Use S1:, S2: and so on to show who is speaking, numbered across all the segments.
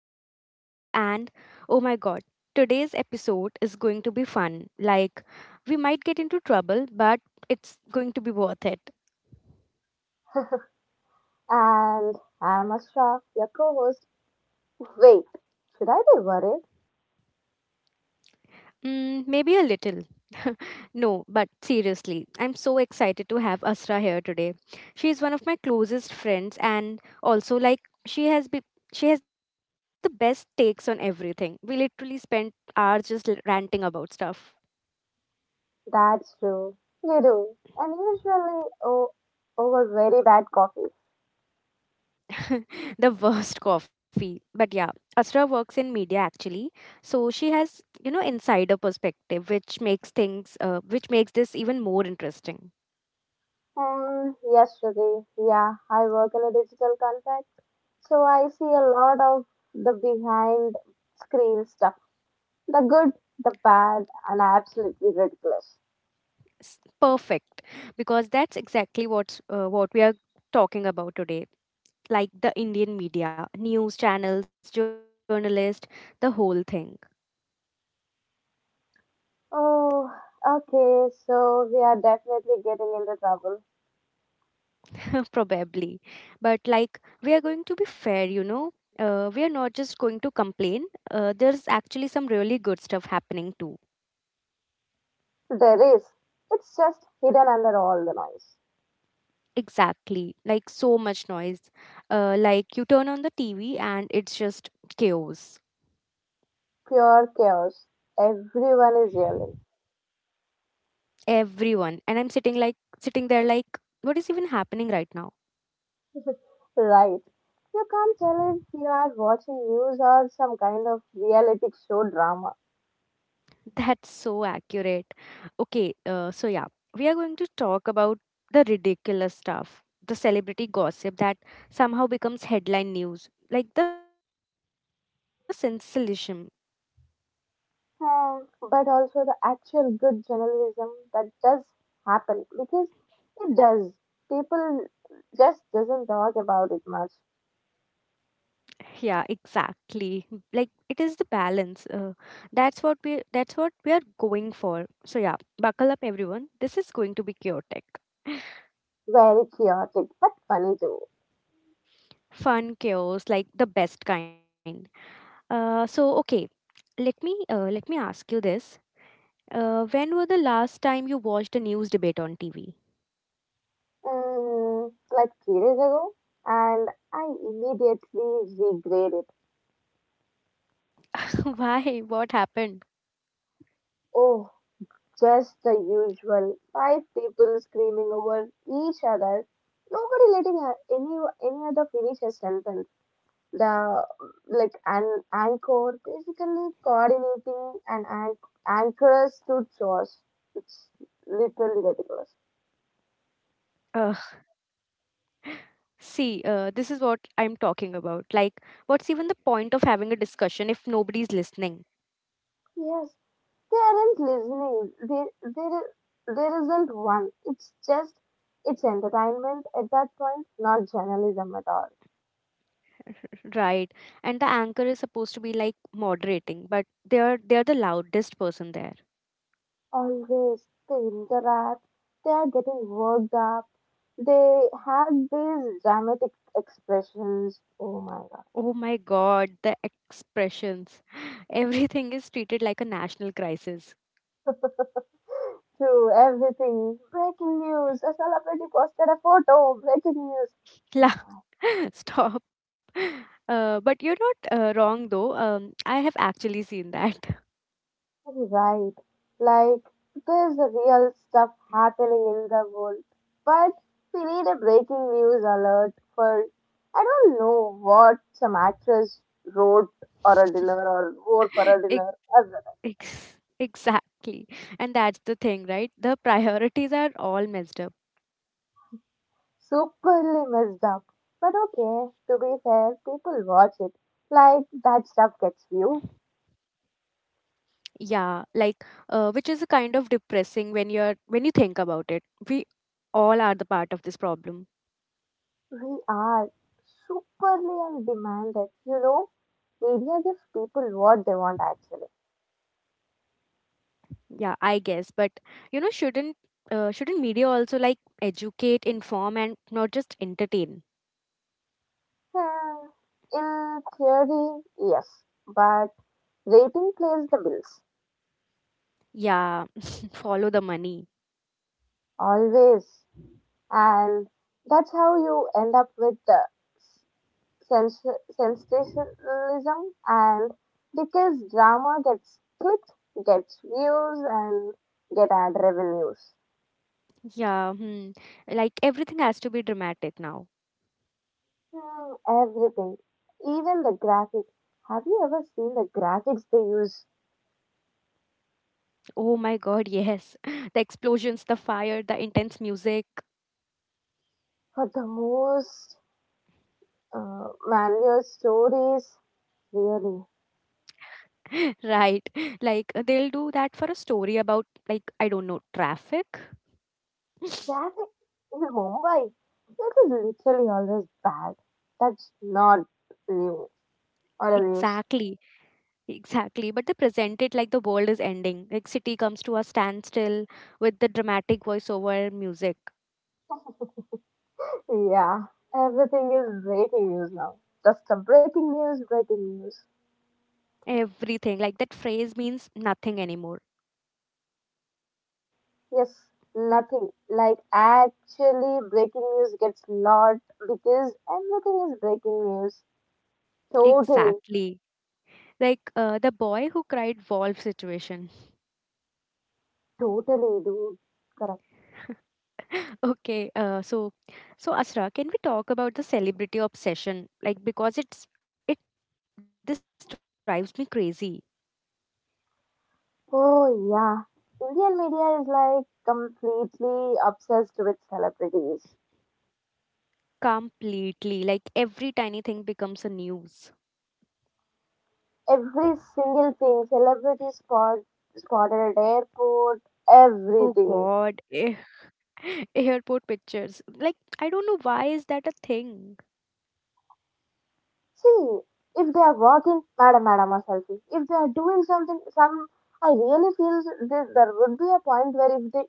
S1: I'm Shruti and oh my god, today's episode is going to be fun. Like, we might get into trouble, but it's going to be worth it.
S2: And I'm Ashraf, your co host. Wait, should I be worried?
S1: Mm, maybe a little. No, but seriously, I'm so excited to have Asra here today. She is one of my closest friends and also like she has be- she has the best takes on everything. We literally spent hours just ranting about stuff.
S2: That's true. You do. And usually oh, over very bad coffee.
S1: The worst coffee. But yeah, Asra works in media actually, so she has you know insider perspective, which makes which makes this even more interesting.
S2: Yesterday, yeah, I work in a digital contract. So I see a lot of the behind screen stuff, the good, the bad, and absolutely ridiculous.
S1: Perfect, because that's exactly what we are talking about today. Like the Indian media, news channels, journalists, the whole thing.
S2: Oh, okay. So we are definitely getting into trouble.
S1: Probably. But like, we are going to be fair, you know. We are not just going to complain. There's actually some really good stuff happening too.
S2: There is. It's just hidden under all the noise.
S1: Exactly, like so much noise. Like you turn on the TV and it's just chaos.
S2: Pure chaos. Everyone is yelling.
S1: Everyone. And I'm sitting there like what is even happening right now?
S2: Right. You can't tell if we are watching news or some kind of reality show drama.
S1: That's so accurate. Okay, so yeah, we are going to talk about the ridiculous stuff, the celebrity gossip that somehow becomes headline news, like the sensationalism.
S2: Hmm. But also the actual good journalism that does happen, because it does. People just doesn't talk about it much.
S1: Yeah, exactly, like it is the balance, that's what we are going for. So yeah, buckle up everyone, this is going to be chaotic.
S2: Very chaotic, but funny too.
S1: Fun chaos, like the best kind. So okay, let me ask you this. When were the last time you watched a news debate on TV?
S2: Mm, like 3 days ago, and I immediately regrade it.
S1: Why, what happened?
S2: Oh, just the usual five people screaming over each other, nobody letting any other finish a sentence. The Like an anchor basically coordinating an anchors to Josh. It's literally
S1: uh,
S2: ridiculous.
S1: See, this is what I'm talking about. Like, what's even the point of having a discussion if nobody's listening?
S2: Yes, they aren't listening. There isn't one. It's just it's entertainment at that point, not journalism at all.
S1: Right. And the anchor is supposed to be like moderating, but they're the loudest person there.
S2: Always they interact, they are getting worked up, they have these dramatic expressions. Oh my god.
S1: Oh my god, the expressions. Everything is treated like a national crisis.
S2: Through everything. Breaking news. A celebrity posted a photo. Breaking news.
S1: La- Stop. But you're not wrong though. I have actually seen that.
S2: You're right. Like, there's real stuff happening in the world. But we need a breaking news alert for, I don't know, what some actress wrote or a dinner, or wore for a
S1: Ex-
S2: dinner.
S1: exactly. And that's the thing, right? The priorities are all messed up.
S2: Superly messed up. But okay, to be fair, people watch it. Like, that stuff gets viewed.
S1: Yeah, like which is a kind of depressing when you think about it. We all are the part of this problem.
S2: We are superly and demanded. Media gives people what they want actually.
S1: Yeah, I guess, but you know shouldn't media also like educate, inform, and not just entertain?
S2: Hmm, in theory, yes. But rating plays the bills.
S1: Yeah. Follow the money.
S2: Always. And that's how you end up with the sens- sensationalism, and because drama gets clicked, gets views, and get ad revenues.
S1: Yeah. Hmm. Like everything has to be dramatic now.
S2: Hmm, everything, even the graphic. Have you ever seen the graphics they use
S1: Oh my god, yes. The explosions, the fire, the intense music.
S2: for the most manual stories? Really,
S1: Right, like they'll do that for a story about like I don't know, traffic.
S2: traffic in Mumbai that is literally always bad. That's not new or a news.
S1: Exactly. Exactly, but they present it like the world is ending. Like city comes to a standstill with the dramatic voiceover music.
S2: Yeah, everything is breaking news now. Just a breaking news, breaking news.
S1: Everything, like that phrase means nothing anymore.
S2: Yes, nothing like actually breaking news gets lot because everything is breaking news. Totally,
S1: Exactly, like the boy who cried wolf situation.
S2: totally, dude. Correct.
S1: Okay, so Asra, can we talk about the celebrity obsession? Like, because it this drives me crazy.
S2: Oh yeah, Indian media is like completely obsessed with celebrities.
S1: Completely. Like every tiny thing becomes a news.
S2: Every single thing, celebrity spotted at airport,
S1: Oh
S2: everything.
S1: God. Eh, airport pictures. Like I don't know why is that a thing.
S2: See, if they are working, madam, madam, or selfie, if they are doing something, some, I really feel that there would be a point where, if they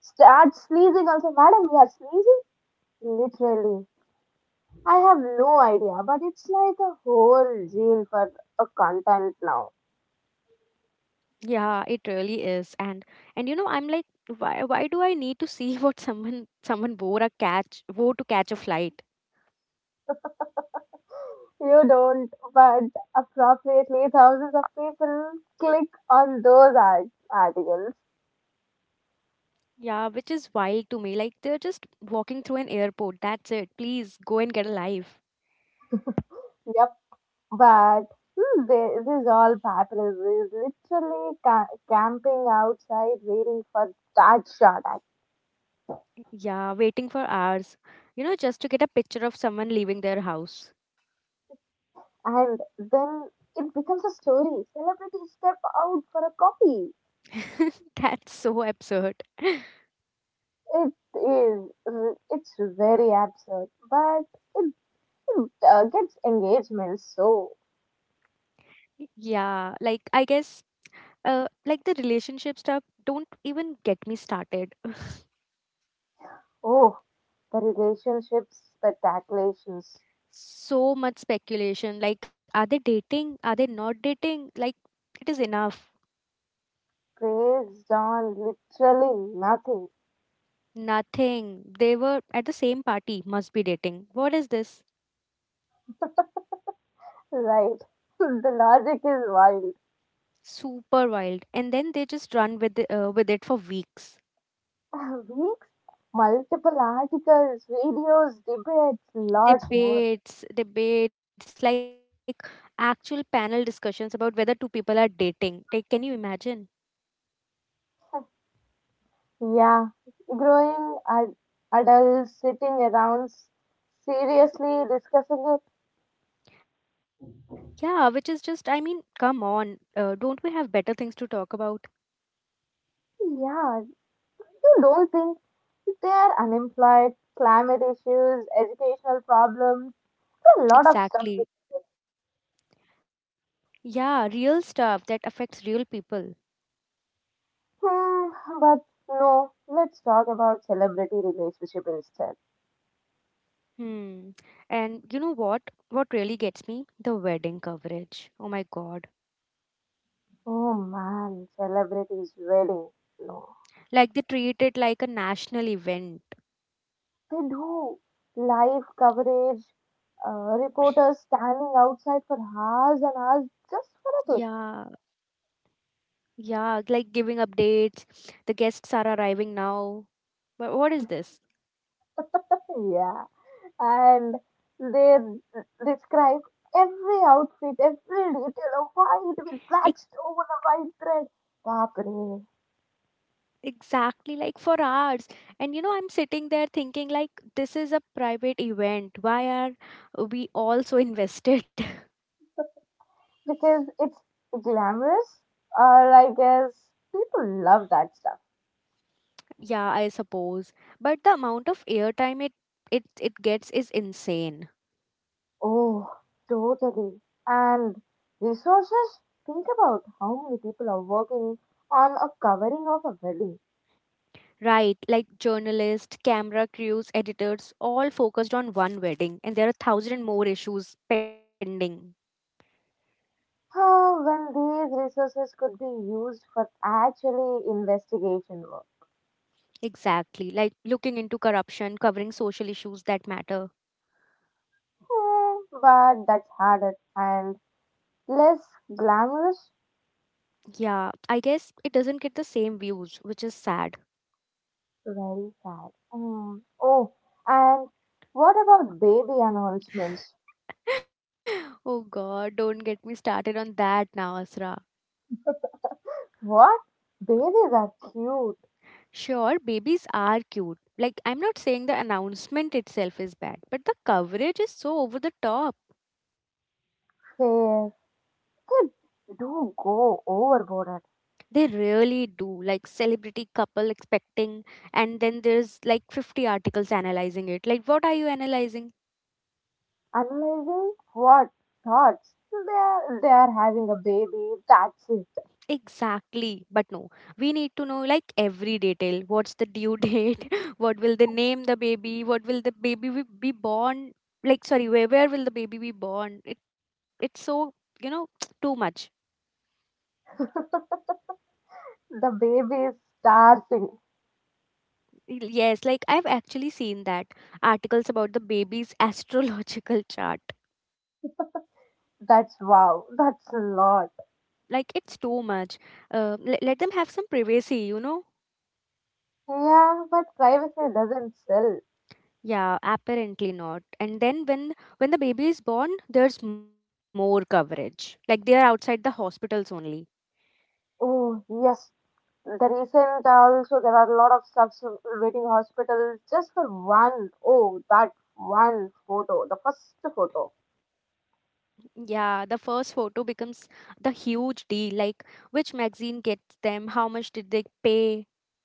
S2: start sneezing, also, madam, you are sneezing? Literally. I have no idea, but it's like a whole gene for a content now.
S1: Yeah, it really is. And you know I'm like why do I need to see what someone wore to catch a flight?
S2: You don't, but appropriately, thousands of people click on those articles.
S1: Yeah, which is wild to me. Like they're just walking through an airport. That's it. Please go and get a life.
S2: Yep. But this is all Papyrus is literally camping outside waiting for that shot.
S1: Yeah, waiting for hours. You know, just to get a picture of someone leaving their house.
S2: And then it becomes a story. Celebrities step out for a coffee.
S1: That's so absurd.
S2: It is, it's very absurd, but it, it gets engagement. So,
S1: Yeah, like I guess like the relationship stuff, don't even get me started.
S2: oh, the relationships, spectaculations,
S1: So much speculation, like are they dating, are they not dating, like it is enough.
S2: based on literally nothing,
S1: Nothing. They were at the same party, must be dating, what is this?
S2: right? The logic is wild.
S1: Super wild, and then they just run with with it for weeks.
S2: Weeks, multiple articles, videos, debates, lots more.
S1: Debates, like actual panel discussions about whether two people are dating, like can you imagine?
S2: Yeah, growing adults sitting around seriously discussing it.
S1: Yeah, which is just, I mean, come on, don't we have better things to talk about?
S2: Yeah, you don't think they are unemployed, climate issues, educational problems, a lot of stuff.
S1: Exactly. Yeah, real stuff that affects real people.
S2: Hmm, but no, let's talk about celebrity relationship instead.
S1: Hmm. And you know what? What really gets me? The wedding coverage. Oh my God.
S2: Oh man, celebrities wedding. No.
S1: Like they treat it like a national event.
S2: They do live coverage, reporters standing outside for hours and hours just for
S1: Yeah. Yeah. Like giving updates. The guests are arriving now. But what is this?
S2: a clip. Yeah, and they describe every outfit, every detail of why it will
S1: Ex-
S2: patched over a white thread. Papre.
S1: Exactly, like for hours. And you know, I'm sitting there thinking, like, this is a private event. Why are we all so invested?
S2: Because it's glamorous, or I guess people love that.
S1: Yeah, I suppose. But the amount of airtime it gets is insane.
S2: Oh, totally. And resources? Think about how many people are working on a covering of a building.
S1: Right, like journalists, camera crews, editors, all focused on one wedding, and there are thousand and more issues pending.
S2: Ah, when these resources could be used for actually investigation work.
S1: Exactly, like looking into corruption, covering social issues that matter.
S2: Hmm, but that's harder and less glamorous.
S1: Yeah, I guess it doesn't get the same views, which is sad.
S2: Very sad. Hmm. Oh, and what about baby announcements?
S1: Oh god, don't get me started on that now, Asra.
S2: What? Babies are cute,
S1: Sure, babies are cute. Like, I'm not saying the announcement itself is bad, but the coverage is so over the top.
S2: fair. They do go overboard.
S1: They really do. Like, celebrity couple expecting, and then there's like 50 articles analyzing it. Like, what are you analyzing?
S2: Analyzing what thoughts? They're having a baby. That's it.
S1: Exactly. But no, we need to know like every detail. What's the due date? What will they name the baby? What will the baby be born? Like, sorry, where will the baby be born? It's so, you know, too much.
S2: The baby is thing.
S1: Yes, like I've actually seen that articles about the baby's astrological chart.
S2: That's wow. That's a lot.
S1: Like it's too much. Let them have some privacy, you know?
S2: Yeah, but privacy doesn't sell.
S1: Yeah, apparently not. And then when the baby is born, there's more coverage. Like they are outside the hospitals only.
S2: Oh yes, the recent also there are a lot of subs waiting hospitals just for one. Oh, that one photo, the first photo.
S1: Yeah, the first photo becomes the huge deal. Like which magazine gets them? How much did they pay?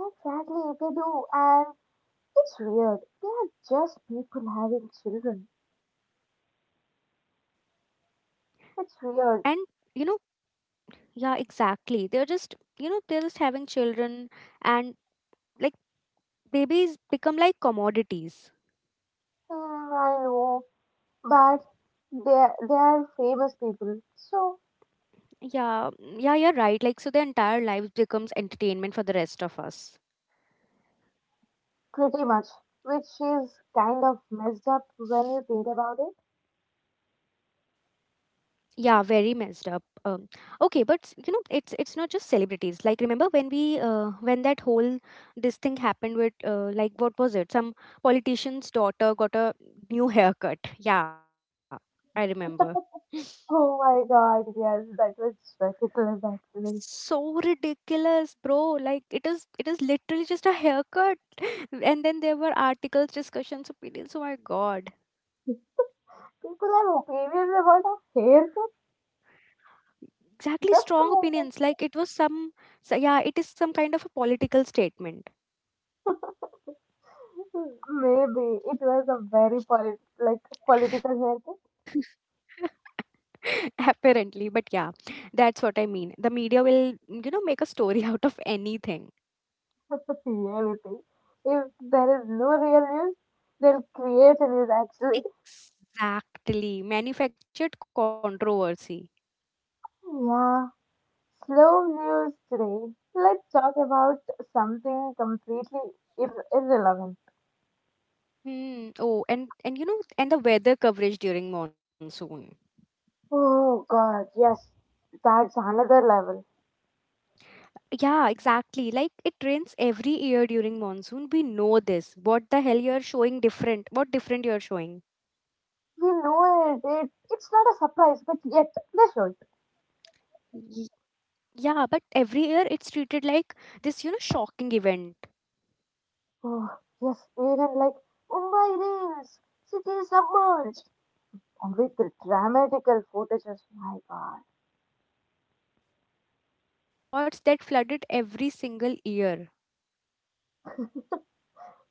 S2: Exactly, they do, and it's weird. They are just people having children. It's
S1: And
S2: weird.
S1: you know, yeah, exactly. They're just you know they're just having children and like, babies become like commodities.
S2: Hmm, I know, but they are famous people, so
S1: Yeah, mm, yeah, you're right. Like, so their entire lives becomes entertainment for the rest of us.
S2: pretty much, which is kind of messed up when you think about it.
S1: Yeah, very messed up. Um, okay, but you know, it's not just celebrities. Like, remember when that whole this thing happened with like what was it? Some politician's daughter got a new haircut. Yeah, I remember.
S2: Oh my god, yes, that was ridiculous actually.
S1: So ridiculous bro, like it is literally just a haircut. And then there were articles, discussions, opinions, oh my god.
S2: People have opinions about a haircut.
S1: Exactly, strong
S2: Just a
S1: opinions,
S2: moment.
S1: like it was some, so yeah it is some kind of a political statement.
S2: Maybe it was a very like political haircut.
S1: Apparently, but yeah, that's what I mean, the media will you know make a story out of anything.
S2: But the reality, if there is no real news, they'll create a news actually.
S1: Exactly, manufactured controversy.
S2: Yeah, slow news today. Let's talk about something completely irrelevant.
S1: Hmm. Oh, and you know and the weather coverage during monsoon.
S2: Oh God, yes, that's another level.
S1: Yeah, exactly. Like it rains every year during monsoon. We know this. What the hell you're showing different? What different you're showing?
S2: We know it. It's not a surprise, but yet they show it.
S1: Y- Yeah, but every year it's treated like this, you know, shocking event.
S2: Oh yes, even like Mumbai rains, city submerged, and with the dramatical footages. My God,
S1: Y- Yeah, and of the same spots that flooded every single year.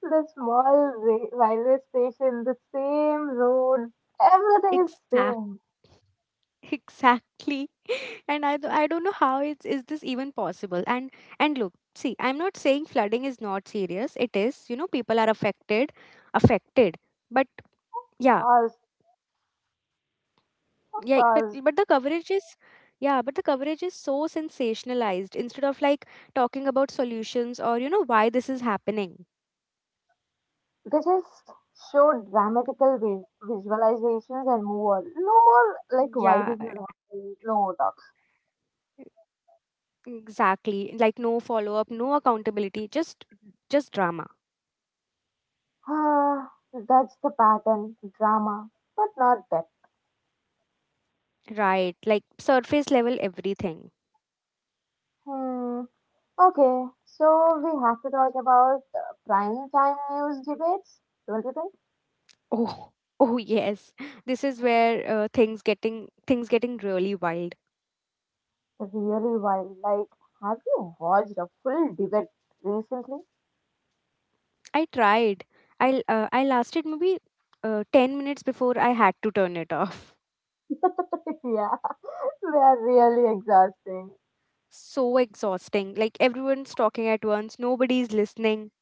S2: the small railway station, the same road, everything is
S1: Exact,
S2: same.
S1: exactly. And I don't know how it's is this even possible. And look, see, I'm not saying flooding is not serious. It is. You know, people are affected, affected. But yeah,
S2: Pause.
S1: yeah,
S2: Of
S1: but
S2: course.
S1: the coverage is, yeah, but the coverage is so sensationalized instead of like talking about solutions or you know why this is happening.
S2: They just show dramatical visualizations and move on. No more like why this is
S1: Yeah,
S2: happening. No more talks.
S1: exactly, like no follow up, no accountability, just drama.
S2: Ah, that's the pattern, drama, but not depth.
S1: Right, like surface level everything.
S2: Hmm. Okay, so we have to talk about prime time news debates, don't you think?
S1: Oh, oh yes, this is where things getting really wild.
S2: Really wild. Like, have you watched a full debate recently?
S1: I tried, I lasted maybe 10 minutes before I had to turn it off.
S2: Yeah, they are really exhausting.
S1: So exhausting. Like everyone's talking at once, nobody's listening,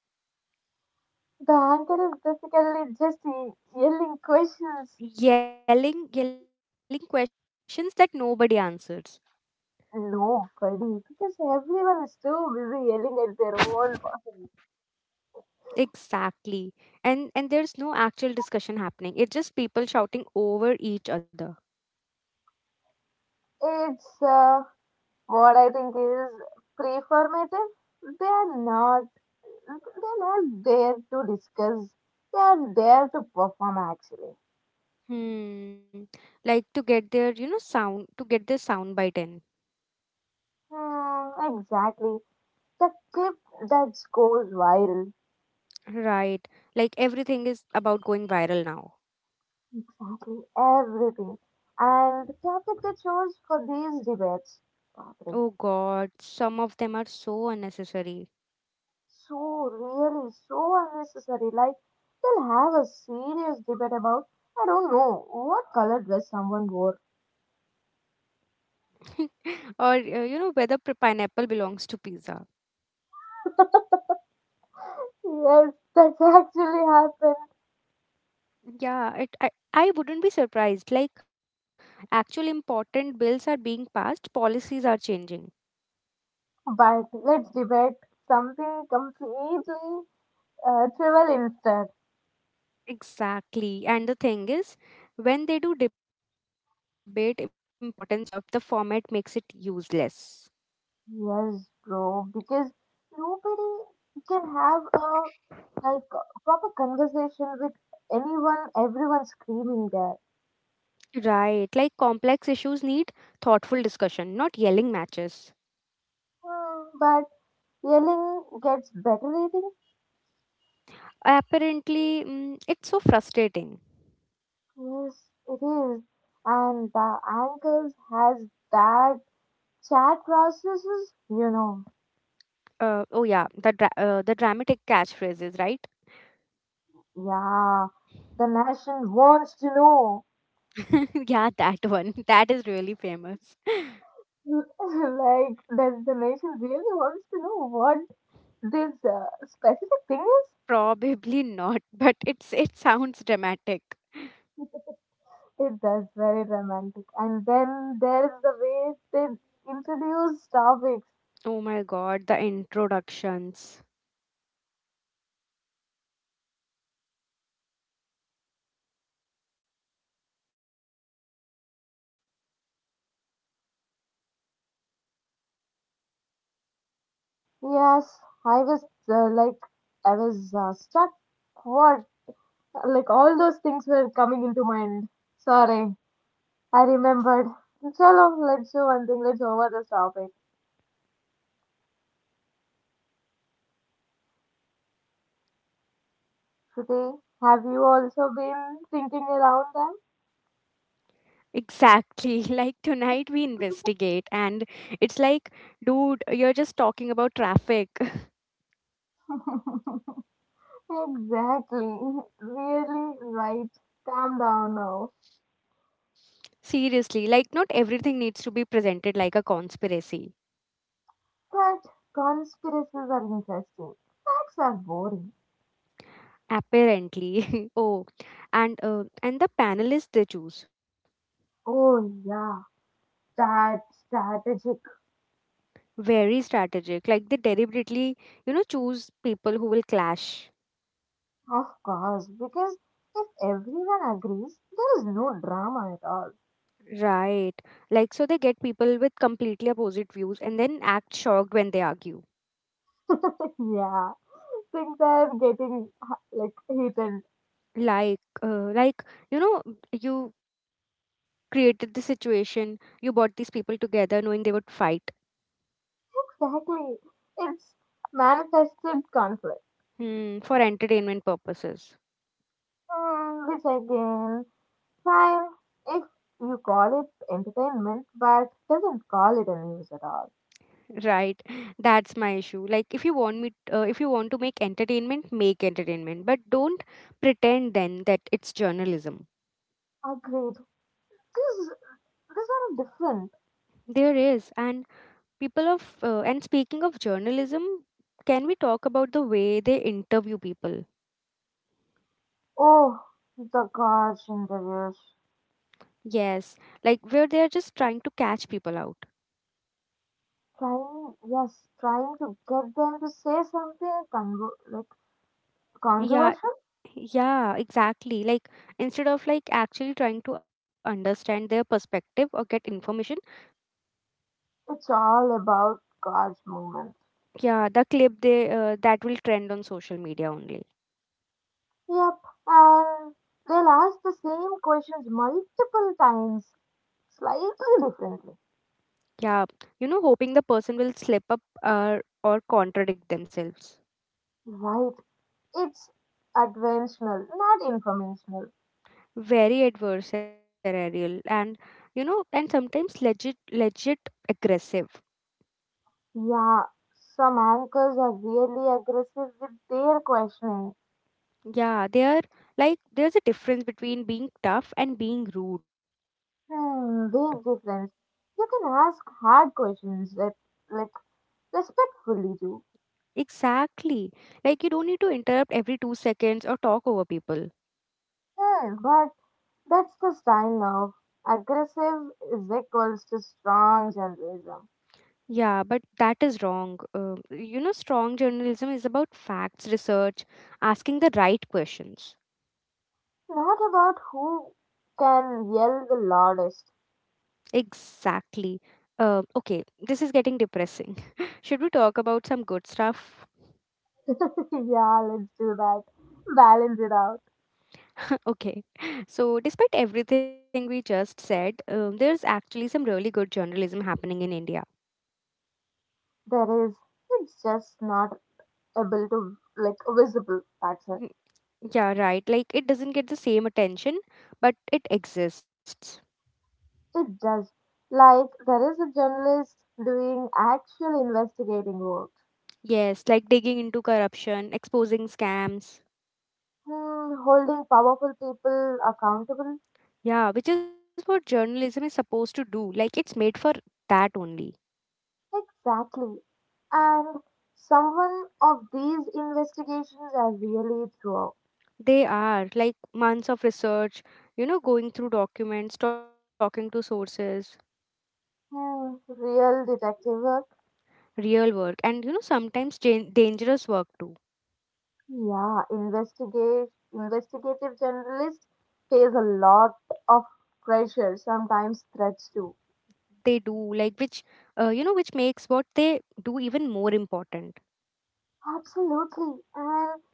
S2: The anchor is basically just yelling questions.
S1: yelling questions that nobody answers.
S2: No, Kaidi, because everyone is too busy yelling at their own person.
S1: Exactly. And there's no actual discussion happening. It's just people shouting over each other.
S2: It's what I think is preformative. They are not. They're not there to discuss. They are there to perform. Actually,
S1: Hmm. Like to get their, you know, sound to get their sound bite in.
S2: hmm, exactly. The clip that goes viral.
S1: Right. Like everything is about going viral now.
S2: Exactly, everything, and the topic that chose for these debates. Bapre.
S1: Oh God, some of them are so unnecessary.
S2: So really, so unnecessary. Like, they'll have a serious debate about, I don't know, what color dress someone wore.
S1: Or you know whether pineapple belongs to pizza.
S2: Yes, that's actually happened.
S1: Yeah, it, I wouldn't be surprised. Like actual important bills are being passed, policies are changing.
S2: But let's debate something completely trivial instead.
S1: Exactly. And the thing is, when they do debate important stuff, the format makes it useless.
S2: Yes, bro, because nobody can have a like proper conversation with anyone, everyone screaming there.
S1: Right. Like complex issues need thoughtful discussion, not yelling matches.
S2: Hmm, but yelling gets better rating.
S1: Apparently, mm, it's so frustrating.
S2: Yes, it is. And the ankles has that chat processes.
S1: Oh yeah, the the dramatic catchphrases, right?
S2: Yeah, the nation wants to know.
S1: Yeah, that one. That is really famous.
S2: Like, the nation really wants to know what this specific thing is.
S1: Probably not, but it's it sounds dramatic.
S2: It does very romantic. And then there's the way they introduce topics.
S1: Oh my god, the introductions.
S2: Yes, I was uh, like, I was stuck. What? Like, all those things were coming into mind. Sorry, I remembered. Chalo, let's do one thing. Let's over this topic. Shruti, have you also been thinking around
S1: Exactly. Like tonight we investigate, and it's like, dude, you're just talking about traffic.
S2: them? Exactly. Really right. Calm down now.
S1: Seriously, like not everything needs to be presented like a conspiracy.
S2: But conspiracies are interesting. Facts are boring.
S1: Apparently. Oh, and the panelists they choose,
S2: Oh yeah, that's strategic.
S1: very strategic. Like they deliberately, you know, choose people who will clash.
S2: Of course, because if everyone agrees, there is no drama at all.
S1: Right. Like, so they get people with completely opposite views and then act shocked when they argue.
S2: Yeah. Things are getting like heated.
S1: Like you know, you created the situation, you brought these people together knowing they would fight
S2: Exactly. It's manifested conflict.
S1: for entertainment purposes.
S2: Hmm, this again. Fine, if you call it entertainment, but doesn't call it a news at all.
S1: Right. That's my issue. Like, if you want to make entertainment, but don't pretend then that it's journalism.
S2: Agreed. These these are different.
S1: There is, and people of and speaking of journalism, can we talk about the way they interview people?
S2: Oh, the gosh, interviews.
S1: Yes, like where they are just trying to catch people out.
S2: Trying, yes, trying to get them to say something like
S1: yeah
S2: controversial.
S1: yeah exactly, like instead of like actually trying to understand their perspective or get information.
S2: It's all about God's movement.
S1: Yeah, the clip they that will trend on social media only.
S2: Yep, and they'll ask the same questions multiple times, slightly differently.
S1: Yeah, you know, hoping the person will slip up or or contradict themselves.
S2: Right, it's adventional, not informational.
S1: Very adversarial and you know, and sometimes legit aggressive.
S2: Yeah, some anchors are really aggressive with their questioning.
S1: Yeah, they are. Like there's a difference between being tough and being rude.
S2: Hmm, big difference. You can ask hard questions that, like, respectfully do.
S1: Exactly, like you don't need to interrupt every 2 seconds or talk over people.
S2: Hmm, but that's the style of. Aggressive is equals to strong journalism.
S1: Yeah but that is wrong. You know, strong journalism is about facts, research, asking the right questions.
S2: Not about who can yell the loudest.
S1: Exactly. Okay, this is getting depressing. Should we talk about some good stuff?
S2: Yeah, let's do that. Balance it out.
S1: Okay. So, despite everything we just said, there's actually some really good journalism happening in India.
S2: There is. It's just not able to, like, visible. That's it.
S1: Mm. Yeah, right. Like, it doesn't get the same attention, but it exists.
S2: It does. Like, there is a journalist doing actual investigating work,
S1: Yes, like digging into corruption, exposing scams.
S2: hmm, holding powerful people accountable.
S1: Yeah, which is what journalism is supposed to do. Like, it's made for that only.
S2: Exactly. And someone of these investigations are really through.
S1: They are, like months of research, you know, going through documents, talking to sources,
S2: Hmm, real detective work.
S1: real work, and you know, sometimes dangerous work too.
S2: Yeah, investigate investigative journalists face a lot of pressure, sometimes threats too.
S1: They do. Like which, you know, which makes what they do even more important.
S2: Absolutely, and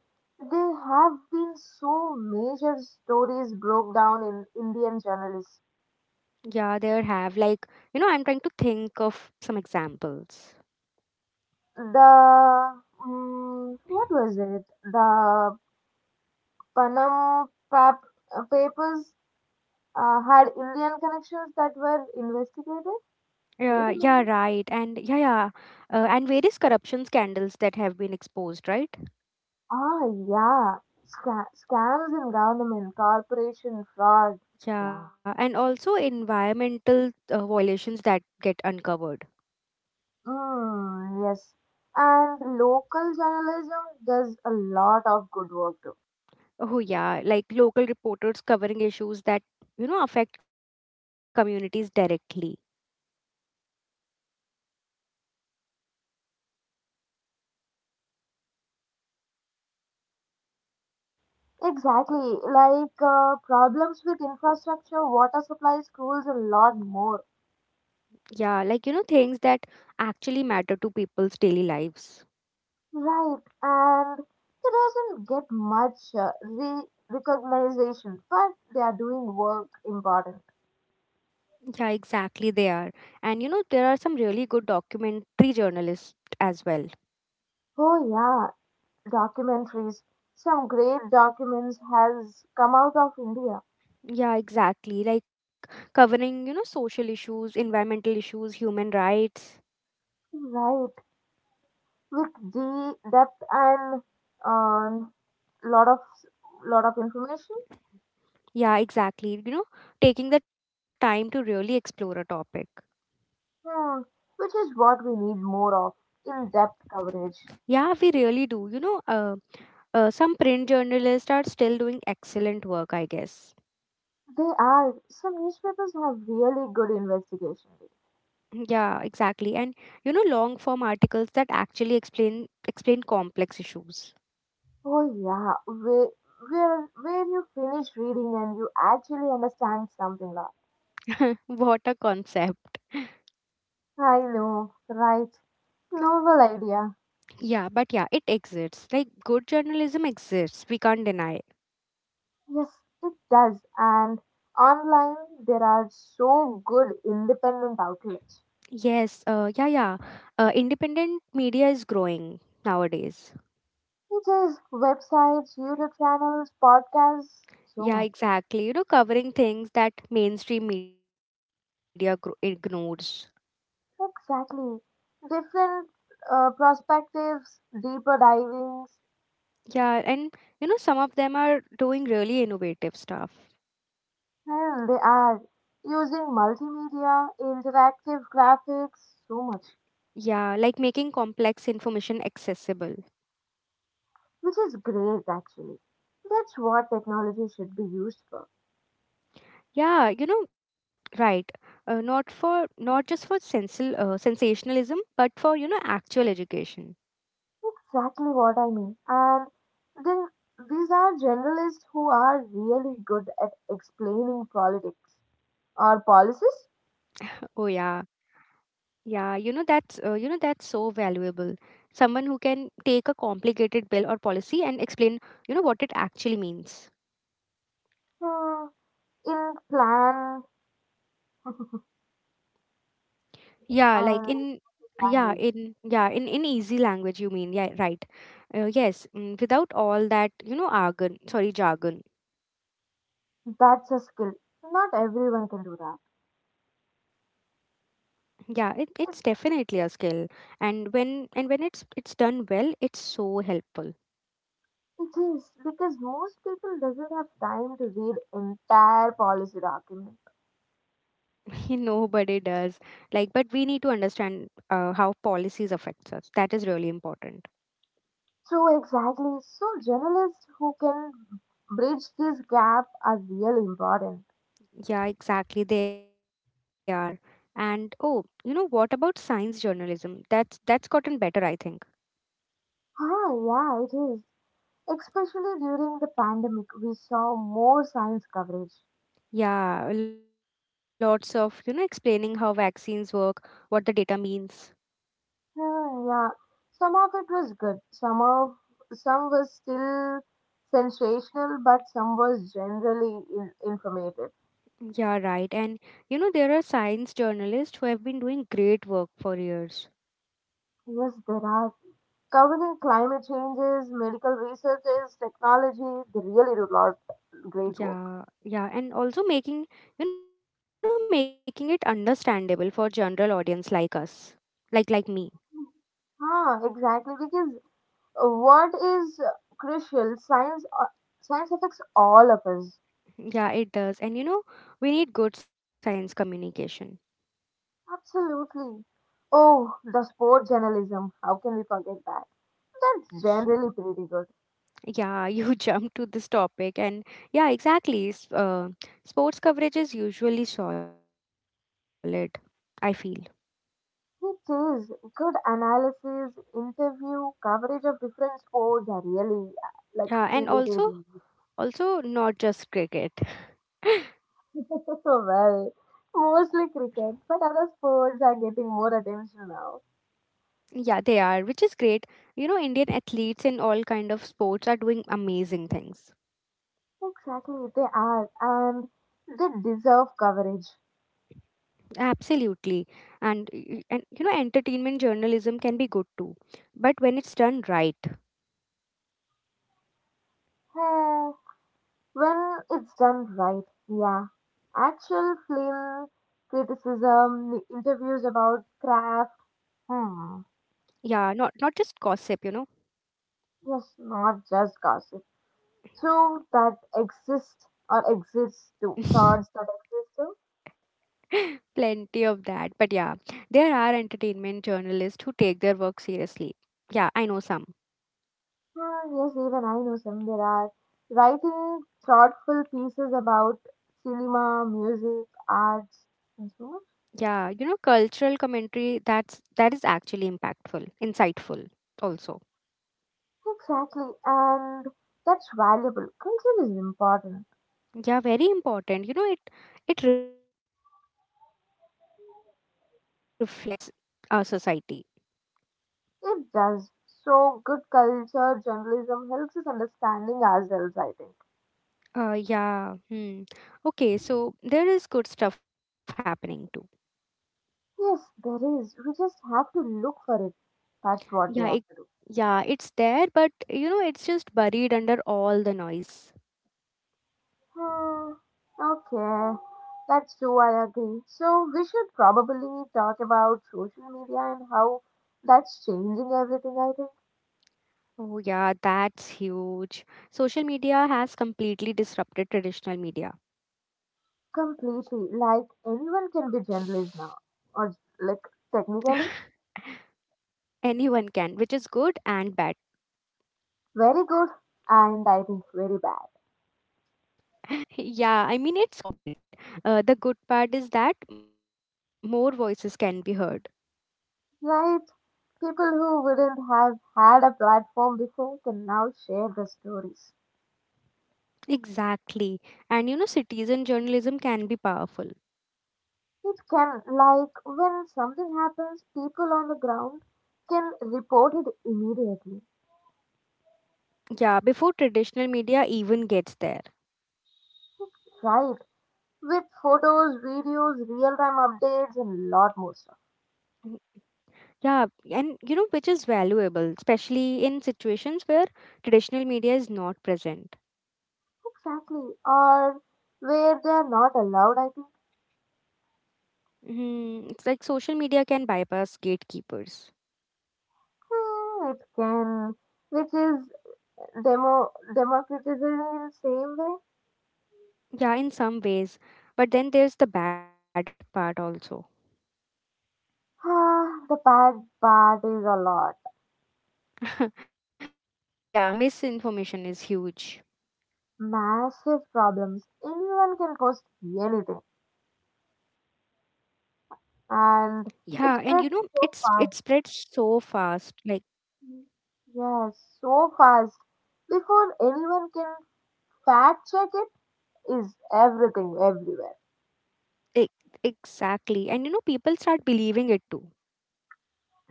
S2: there have been so major stories broke down in Indian journalists.
S1: Yeah, there have, like, you know, I'm trying to think of some examples.
S2: The what was it? The Panam papers had Indian connections that were investigated.
S1: yeah
S2: Do you
S1: yeah
S2: remember?
S1: right. And and various corruption scandals that have been exposed, right?
S2: Ah, yeah. Scams in government, corporation fraud. Yeah.
S1: Yeah, and also environmental violations that get uncovered.
S2: Mm, yes. And local journalism does a lot of good work too.
S1: Oh yeah, like local reporters covering issues that, you know, affect communities directly.
S2: Exactly. Like, problems with infrastructure, water supply, schools, a lot more.
S1: Yeah, like you know, things that actually matter to people's daily lives.
S2: Right. And it doesn't get much recognition, but they are doing work important.
S1: Yeah, exactly, they are. And you know, there are some really good documentary journalists as well.
S2: Oh, yeah. Documentaries. Some great documents has come out of India,
S1: Yeah, exactly. Like covering, you know, social issues, environmental issues, human rights.
S2: right? With the depth and um, lot of lot of information,
S1: Yeah, exactly. You know, taking the time to really explore a topic.
S2: hmm, which is what we need more of, in depth coverage.
S1: Yeah, we really do. You know, some print journalists are still doing excellent work, I guess.
S2: They are some newspapers have really good investigation.
S1: Yeah, exactly. And you know, long form articles that actually explain complex issues.
S2: Oh yeah, where you finish reading and you actually understand something lot.
S1: What a concept.
S2: I know, right? Novel idea.
S1: Yeah, but yeah, it exists. Like good journalism exists. We can't deny.
S2: Yes, it does. And online, there are so good independent outlets.
S1: Yes, yeah. Independent media is growing nowadays.
S2: It is websites, YouTube channels, podcasts, so
S1: Yeah,
S2: much.
S1: exactly. You know, covering things that mainstream media ignores.
S2: Exactly. Different perspectives, deeper divings,
S1: Yeah, and you know, some of them are doing really innovative stuff.
S2: and they are using multimedia, interactive graphics, so much,
S1: Yeah, like making complex information accessible.
S2: which is great actually. That's what technology should be used for.
S1: Yeah, you know, right. Not for not just for sensal sensationalism, but for you know, actual education.
S2: Exactly what I mean. And then these are generalists who are really good at explaining politics or
S1: Oh
S2: policies,
S1: yeah. Yeah, you know that's so valuable. Someone who can take a complicated bill or policy and explain, you know, what it actually means.
S2: hmm, in plan
S1: Yeah,
S2: and
S1: like in
S2: language.
S1: yeah, in easy language, you mean. Yeah, right. Yes, mm, without all that, you know, jargon.
S2: That's a skill. Not everyone can do that.
S1: Yeah, it's definitely a
S2: It,
S1: skill. And when it's done well, it's so helpful.
S2: it is because most people doesn't have time to read entire policy document.
S1: Nobody does. Like, but we need to understand how policies affects us. That is really important.
S2: So exactly. So journalists who can bridge this gap are really important.
S1: Yeah, exactly. They are. And oh, you know, what about science journalism? That's gotten better, I think.
S2: Ah, yeah, it is. Especially during the pandemic, we saw more science coverage.
S1: Yeah, lots of you know, explaining how vaccines work, what the data means.
S2: Yeah, some of it was good. Some was still sensational, but some was generally informative.
S1: Yeah, right. And you know, there are science journalists who have been doing great work for years.
S2: Yes, there are covering climate changes, medical researches, technology. They really do a lot great work.
S1: Yeah, yeah, and also making, you know, making it understandable for general audience like us. Like me.
S2: Ah, exactly. Because what is crucial, science science affects all of us.
S1: Yeah, it does, and you know, we need good science communication.
S2: Absolutely. Oh, the sport journalism. How can we forget that? That's generally pretty good.
S1: Yeah, you jump to this topic. And yeah, exactly, sports coverage is usually solid, I feel.
S2: It is. Good analysis, interview, coverage of different sports are really like
S1: Yeah, and
S2: feel it
S1: also,
S2: is.
S1: also not just cricket.
S2: Well, mostly cricket, but other sports are getting more attention now.
S1: Yeah, they are, which is great. You know, Indian athletes in all kind of sports are doing amazing things.
S2: Exactly, they are, and they deserve coverage.
S1: Absolutely. And you know, entertainment journalism can be good too, but when it's done right.
S2: When it's done right, yeah. Actual film criticism, the interviews about craft,
S1: Yeah,
S2: hmm,
S1: not not just gossip, you know.
S2: yes, not just gossip. So that exists or exists too. Thoughts that exist too.
S1: Plenty of that. But yeah, there are entertainment journalists who take their work seriously. Yeah, I know some.
S2: Ah, yes, even I know some there are. Writing thoughtful pieces about cinema, music, arts, and so on.
S1: Yeah, you know, cultural commentary that is actually impactful, insightful also.
S2: Exactly, and that's valuable. Culture is important.
S1: Yeah, very important. You know, it reflects our society.
S2: It does. So, good culture journalism helps us understanding ourselves, I think.
S1: Yeah. Hmm. Okay, so there is good stuff happening too.
S2: Yes, there is. We just have to look for it. That's
S1: Yeah,
S2: what we
S1: it,
S2: have to do.
S1: yeah, it's there, but you know, it's just buried under all the noise.
S2: Hmm. Okay. That's true, I agree. So, we should probably talk about social media and how that's changing everything, I think.
S1: Oh yeah, that's huge. Social media has completely disrupted traditional media.
S2: Completely. Like, anyone can be journalist now. Or, like, technically,
S1: Anyone can, which is good and bad.
S2: very good and I think very bad.
S1: Yeah, I mean, it's complicated. The good part is that more voices can be heard.
S2: Right? People who wouldn't have had a platform before can now share their stories.
S1: Exactly. And you know, citizen journalism can be powerful.
S2: It can, like, when something happens, people on the ground can report it immediately,
S1: Yeah, before traditional media even gets there.
S2: right? With photos, videos, real time updates, and a lot more stuff.
S1: Mm. Yeah, and you know, which is valuable, especially in situations where traditional media is not present.
S2: Exactly. Or where they are not allowed, I think.
S1: Hmm, it's like social media can bypass gatekeepers.
S2: It can, which is democratization in the same way.
S1: Yeah, in some ways. But then there's the bad part also.
S2: Ah, the bad part is a lot.
S1: Yeah, misinformation is huge.
S2: Massive problems. Anyone can post anything,
S1: Yeah, and you know,
S2: and
S1: it's it
S2: it spreads
S1: spreads
S2: so
S1: so
S2: fast.
S1: fast. Like
S2: Yes, so fast. Before anyone can fact check it, is everything everywhere.
S1: e- exactly. And you know, people start believing it too.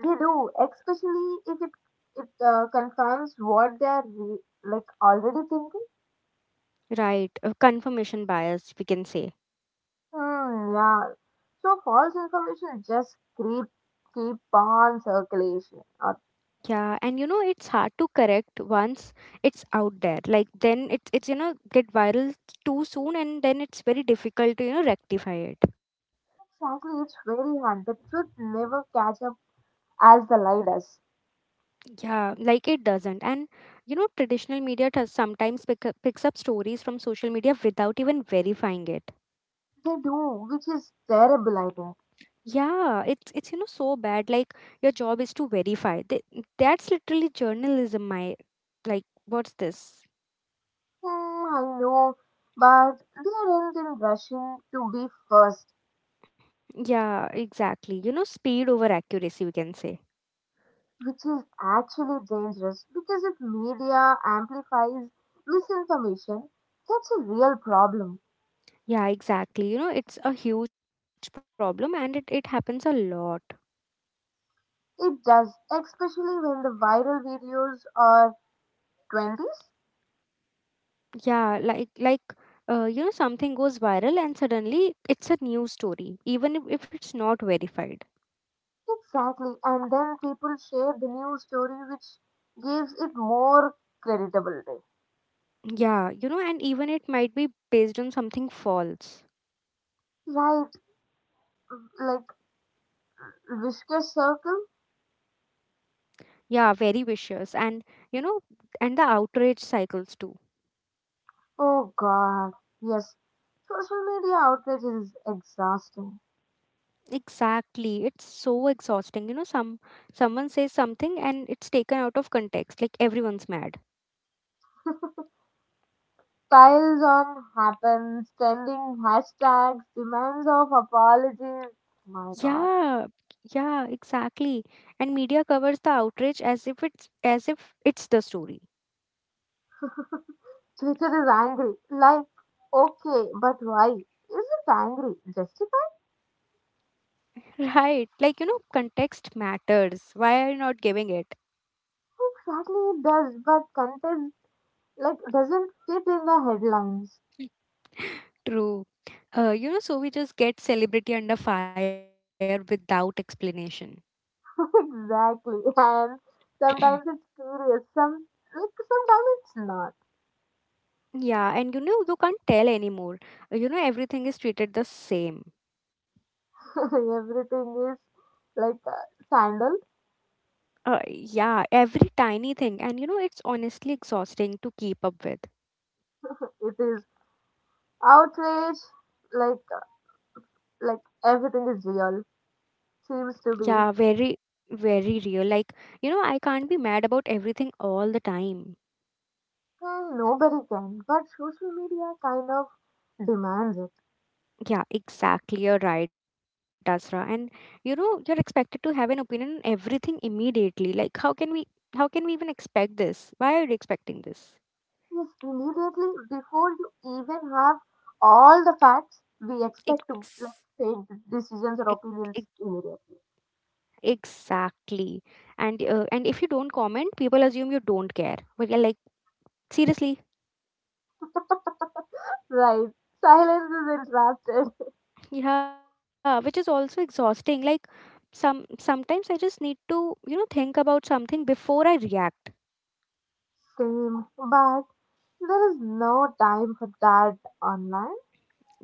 S2: They do, especially if it confirms what they are like already thinking.
S1: Right. A confirmation bias, we can say.
S2: Yeah. So false information just keep on circulation.
S1: Yeah, and you know, it's hard to correct once it's out there. Like then it's you know, get viral too soon, and then it's very difficult to, you know, rectify it.
S2: Exactly, it's very hard. The truth never catch up as the leaders.
S1: Yeah, like it doesn't. And you know, traditional media does sometimes picks up stories from social media without even verifying it.
S2: They do, which is terrible, I think.
S1: Yeah, it's you know, so bad. Like your job is to verify. Th That's literally journalism. My Like, what's this?
S2: I know, but they aren't in rushing to be first,
S1: Yeah, exactly. You know, speed over accuracy, we can say.
S2: which is actually dangerous because if media amplifies misinformation, that's a real problem.
S1: Yeah, exactly. You know, it's a huge problem, and it happens a lot.
S2: It does, especially when the viral videos are 20s.
S1: Yeah, you know, something goes viral and suddenly it's a news story, even if it's not verified.
S2: Exactly, and then people share the news story, which gives it more creditability.
S1: Yeah, you know, and even it might be based on something false.
S2: Right, like Vishka Circle.
S1: Yeah, very vicious, and you know, and the outrage cycles too.
S2: Oh God, yes. Social media outrage is exhausting.
S1: Exactly, it's so exhausting. You know, someone says something and it's taken out of context, like everyone's mad.
S2: Piles on happens, trending hashtags, demands of apologies. My God.
S1: Yeah, yeah, exactly. And media covers the outrage as if it's the story.
S2: Twitter is angry. Like, okay, but why? Isn't angry justified?
S1: Right. Like, you know, context matters. Why are you not giving it?
S2: Exactly, it does, but content like doesn't fit in the headlines.
S1: True. You know, so we just get celebrity under fire without explanation.
S2: Exactly, and sometimes it's serious. Some like sometimes it's not.
S1: Yeah. And, you know, you can't tell anymore. You know, everything is treated the same.
S2: Everything is like uh, scandal.
S1: Yeah. Every tiny thing. And, you know, it's honestly exhausting to keep up with.
S2: It is outrage. Like uh, like everything is real. Seems to
S1: Yeah.
S2: be.
S1: Very real. Like, you know, I can't be mad about everything all the time.
S2: And nobody can. But social media kind of demands it.
S1: Yeah, exactly. You're right, Asra. And you know, you're expected to have an opinion on everything immediately. Like, how can we even expect this? Why are you expecting this?
S2: Yes, immediately before you even have all the facts, we expect to like
S1: Ex-
S2: take decisions or
S1: ex- ex-
S2: opinions immediately.
S1: exactly. And and if you don't comment, people assume you don't care. But yeah, like seriously,
S2: Right. Silence is interrupted.
S1: yeah, which is also exhausting. Like, sometimes I just need to, you know, think about something before I react.
S2: Same. But there is no time for that online.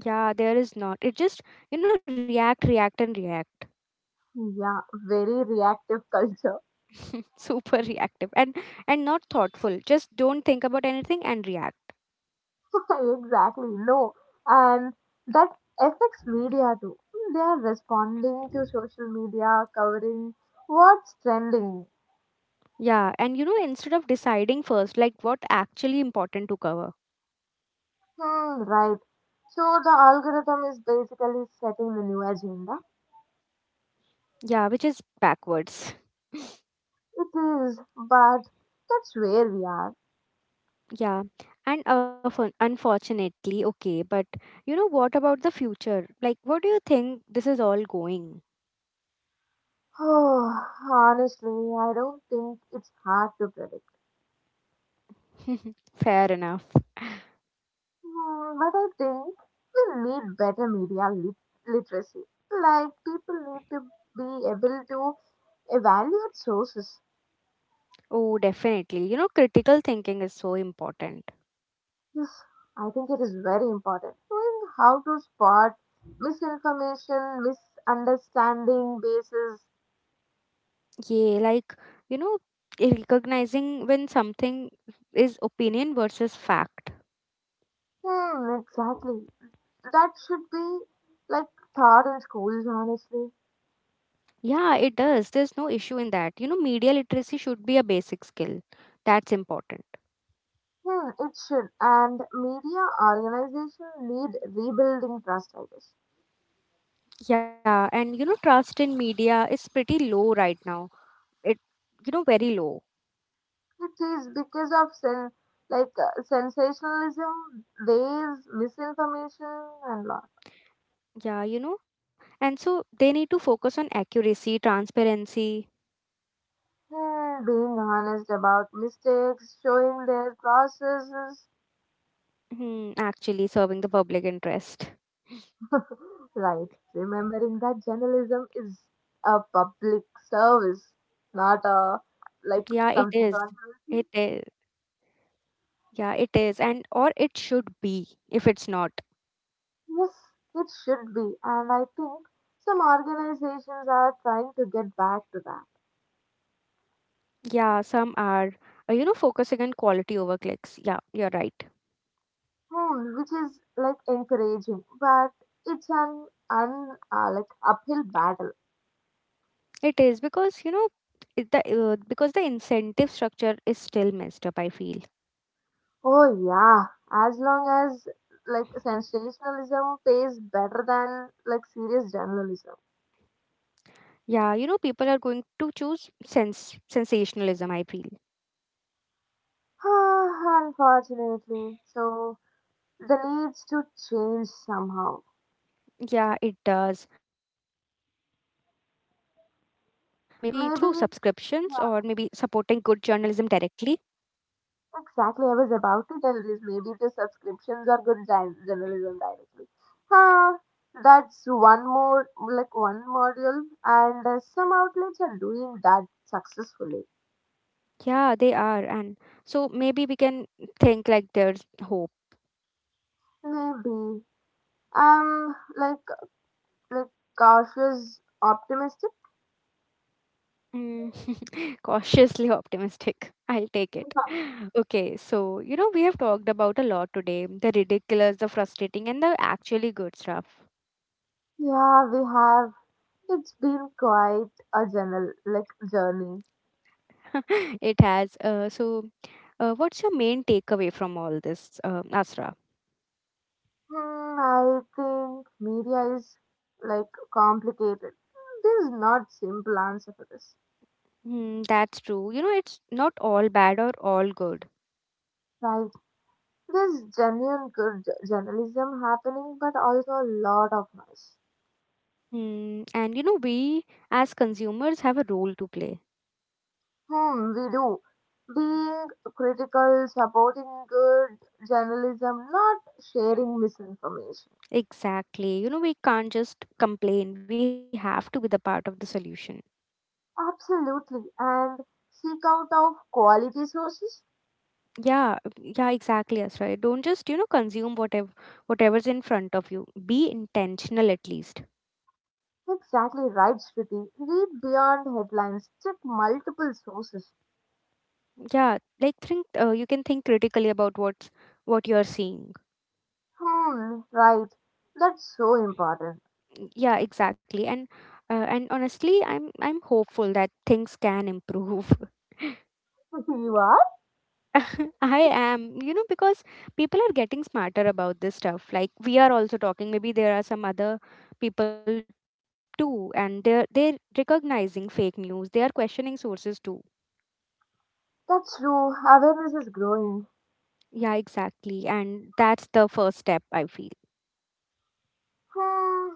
S1: Yeah, there is not. You know, react, react, and react.
S2: Yeah, very reactive culture.
S1: Super reactive, and not thoughtful, just don't think about anything and react.
S2: Exactly. No, and that affects media too. They are responding to social media, covering what's trending.
S1: Yeah, and you know, instead of deciding first like what actually important to cover.
S2: Right. So the algorithm is basically setting the new agenda.
S1: Yeah, which is backwards.
S2: It is, but that's where we are.
S1: Yeah. And unfortunately, okay, but you know, what about the future? Like what do you think this is all going?
S2: Oh, honestly, I don't think it's hard to predict.
S1: Fair enough.
S2: Hmm, but I think we need better literacy. Like people need to be able to evaluate sources.
S1: Oh definitely, you know, critical thinking is so important.
S2: Yes, I think it is very important. Knowing how to spot misinformation, misunderstanding bases.
S1: Yeah, like you know, recognizing when something is opinion versus fact.
S2: Exactly. That should be like taught in schools, honestly.
S1: Yeah, it does. There's no issue in that. You know, media literacy should be a basic skill. That's important.
S2: Hmm, it should. And media organizations need rebuilding trust, I guess.
S1: Yeah, and you know, trust in media is pretty low right now. It, you know, very low.
S2: It is because of sensationalism, waves, misinformation, and lot.
S1: Yeah, you know, and so they need to focus on accuracy, transparency,
S2: And being honest about mistakes, showing their processes.
S1: hmm, actually serving the public interest.
S2: Right. Remembering that journalism is a public service, not a
S1: Yeah, it is.
S2: like something
S1: It is.
S2: controversial.
S1: Yeah, it is. And or it should be if it's not.
S2: Yes, it should be, and I think some organizations are trying to get back to that.
S1: Yeah, some are, you know, focusing on quality over clicks. Yeah, you're right.
S2: Which is like encouraging, but it's an un like uphill battle.
S1: It is because you know, it- the because the incentive structure is still messed up. I feel.
S2: Oh yeah, as long as like sensationalism pays better than like serious journalism.
S1: Yeah, you know, people are going to choose sense sensationalism. I feel.
S2: Ah, unfortunately, so the needs to change somehow.
S1: Yeah, it does. Maybe through subscriptions, or maybe supporting good
S2: Maybe
S1: journalism directly.
S2: uh, exactly, I was about to tell this. Maybe the subscriptions are good journalism directly. Huh, that's one more, like one module, and some outlets are doing that successfully.
S1: Yeah, they are, and so maybe we can think like there's hope.
S2: Maybe. Um, like, like cautious, optimistic.
S1: Mm. Cautiously optimistic. I'll take it. Okay, so you know, we have talked about a lot today, the ridiculous, the frustrating, and the actually good stuff.
S2: Yeah, we have. It's been quite a like journey.
S1: It has. So, what's your main takeaway from all this, Asra?
S2: Hmm, I think media is like complicated. There's not simple answer for this.
S1: Mm, that's true. You know, it's not all bad or all good.
S2: Like there's genuine good journalism happening, but also a lot of noise.
S1: Mm, and you know, we as consumers have a role to play.
S2: We do. Being critical, supporting good journalism, not sharing misinformation.
S1: Exactly. You know, we can't just complain, we have to be the part of the solution.
S2: Absolutely. And seek out of quality sources.
S1: Yeah, yeah, exactly. That's right. Don't just, you know, consume whatever's in front of you. Be intentional at least.
S2: Exactly right, Shruti. Read beyond headlines. Check multiple sources.
S1: Yeah, like think you can think critically about what you're seeing.
S2: Right. That's so important.
S1: Yeah, exactly. And honestly, I'm hopeful that things can improve.
S2: You are?
S1: I am, you know, because people are getting smarter about this stuff. Like we are also talking, maybe there are some other people too, and they're recognizing fake news. They are questioning sources too.
S2: That's true. Awareness is growing.
S1: Yeah, exactly. And that's the first step, I feel.
S2: Hmm,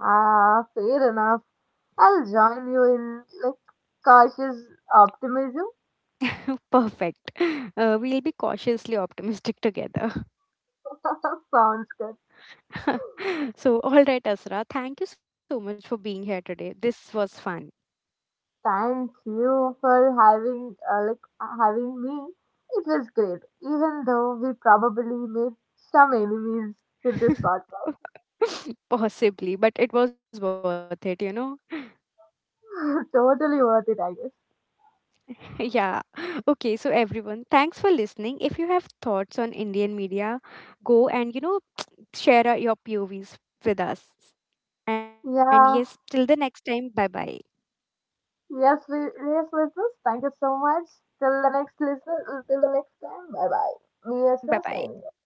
S2: ah, fair enough. I'll join you in like cautious optimism.
S1: Perfect. We'll be cautiously optimistic together.
S2: Sounds good.
S1: So, all right, Asra, thank you so much for being here today. This was fun.
S2: Thank you for having like having me. It was great, even though we probably made some enemies with this podcast.
S1: Possibly, but it was worth it, you know?
S2: Totally worth it, I guess.
S1: Yeah. Okay, so everyone, thanks for listening. If you have thoughts on Indian media, go and, you know, share your POVs with us. And yes,
S2: Yeah.
S1: till the next time, bye bye.
S2: Yes, listeners. Thank you so much. Till the next listen. Till the next time. Bye bye. Me as well,
S1: Bye
S2: signing
S1: bye.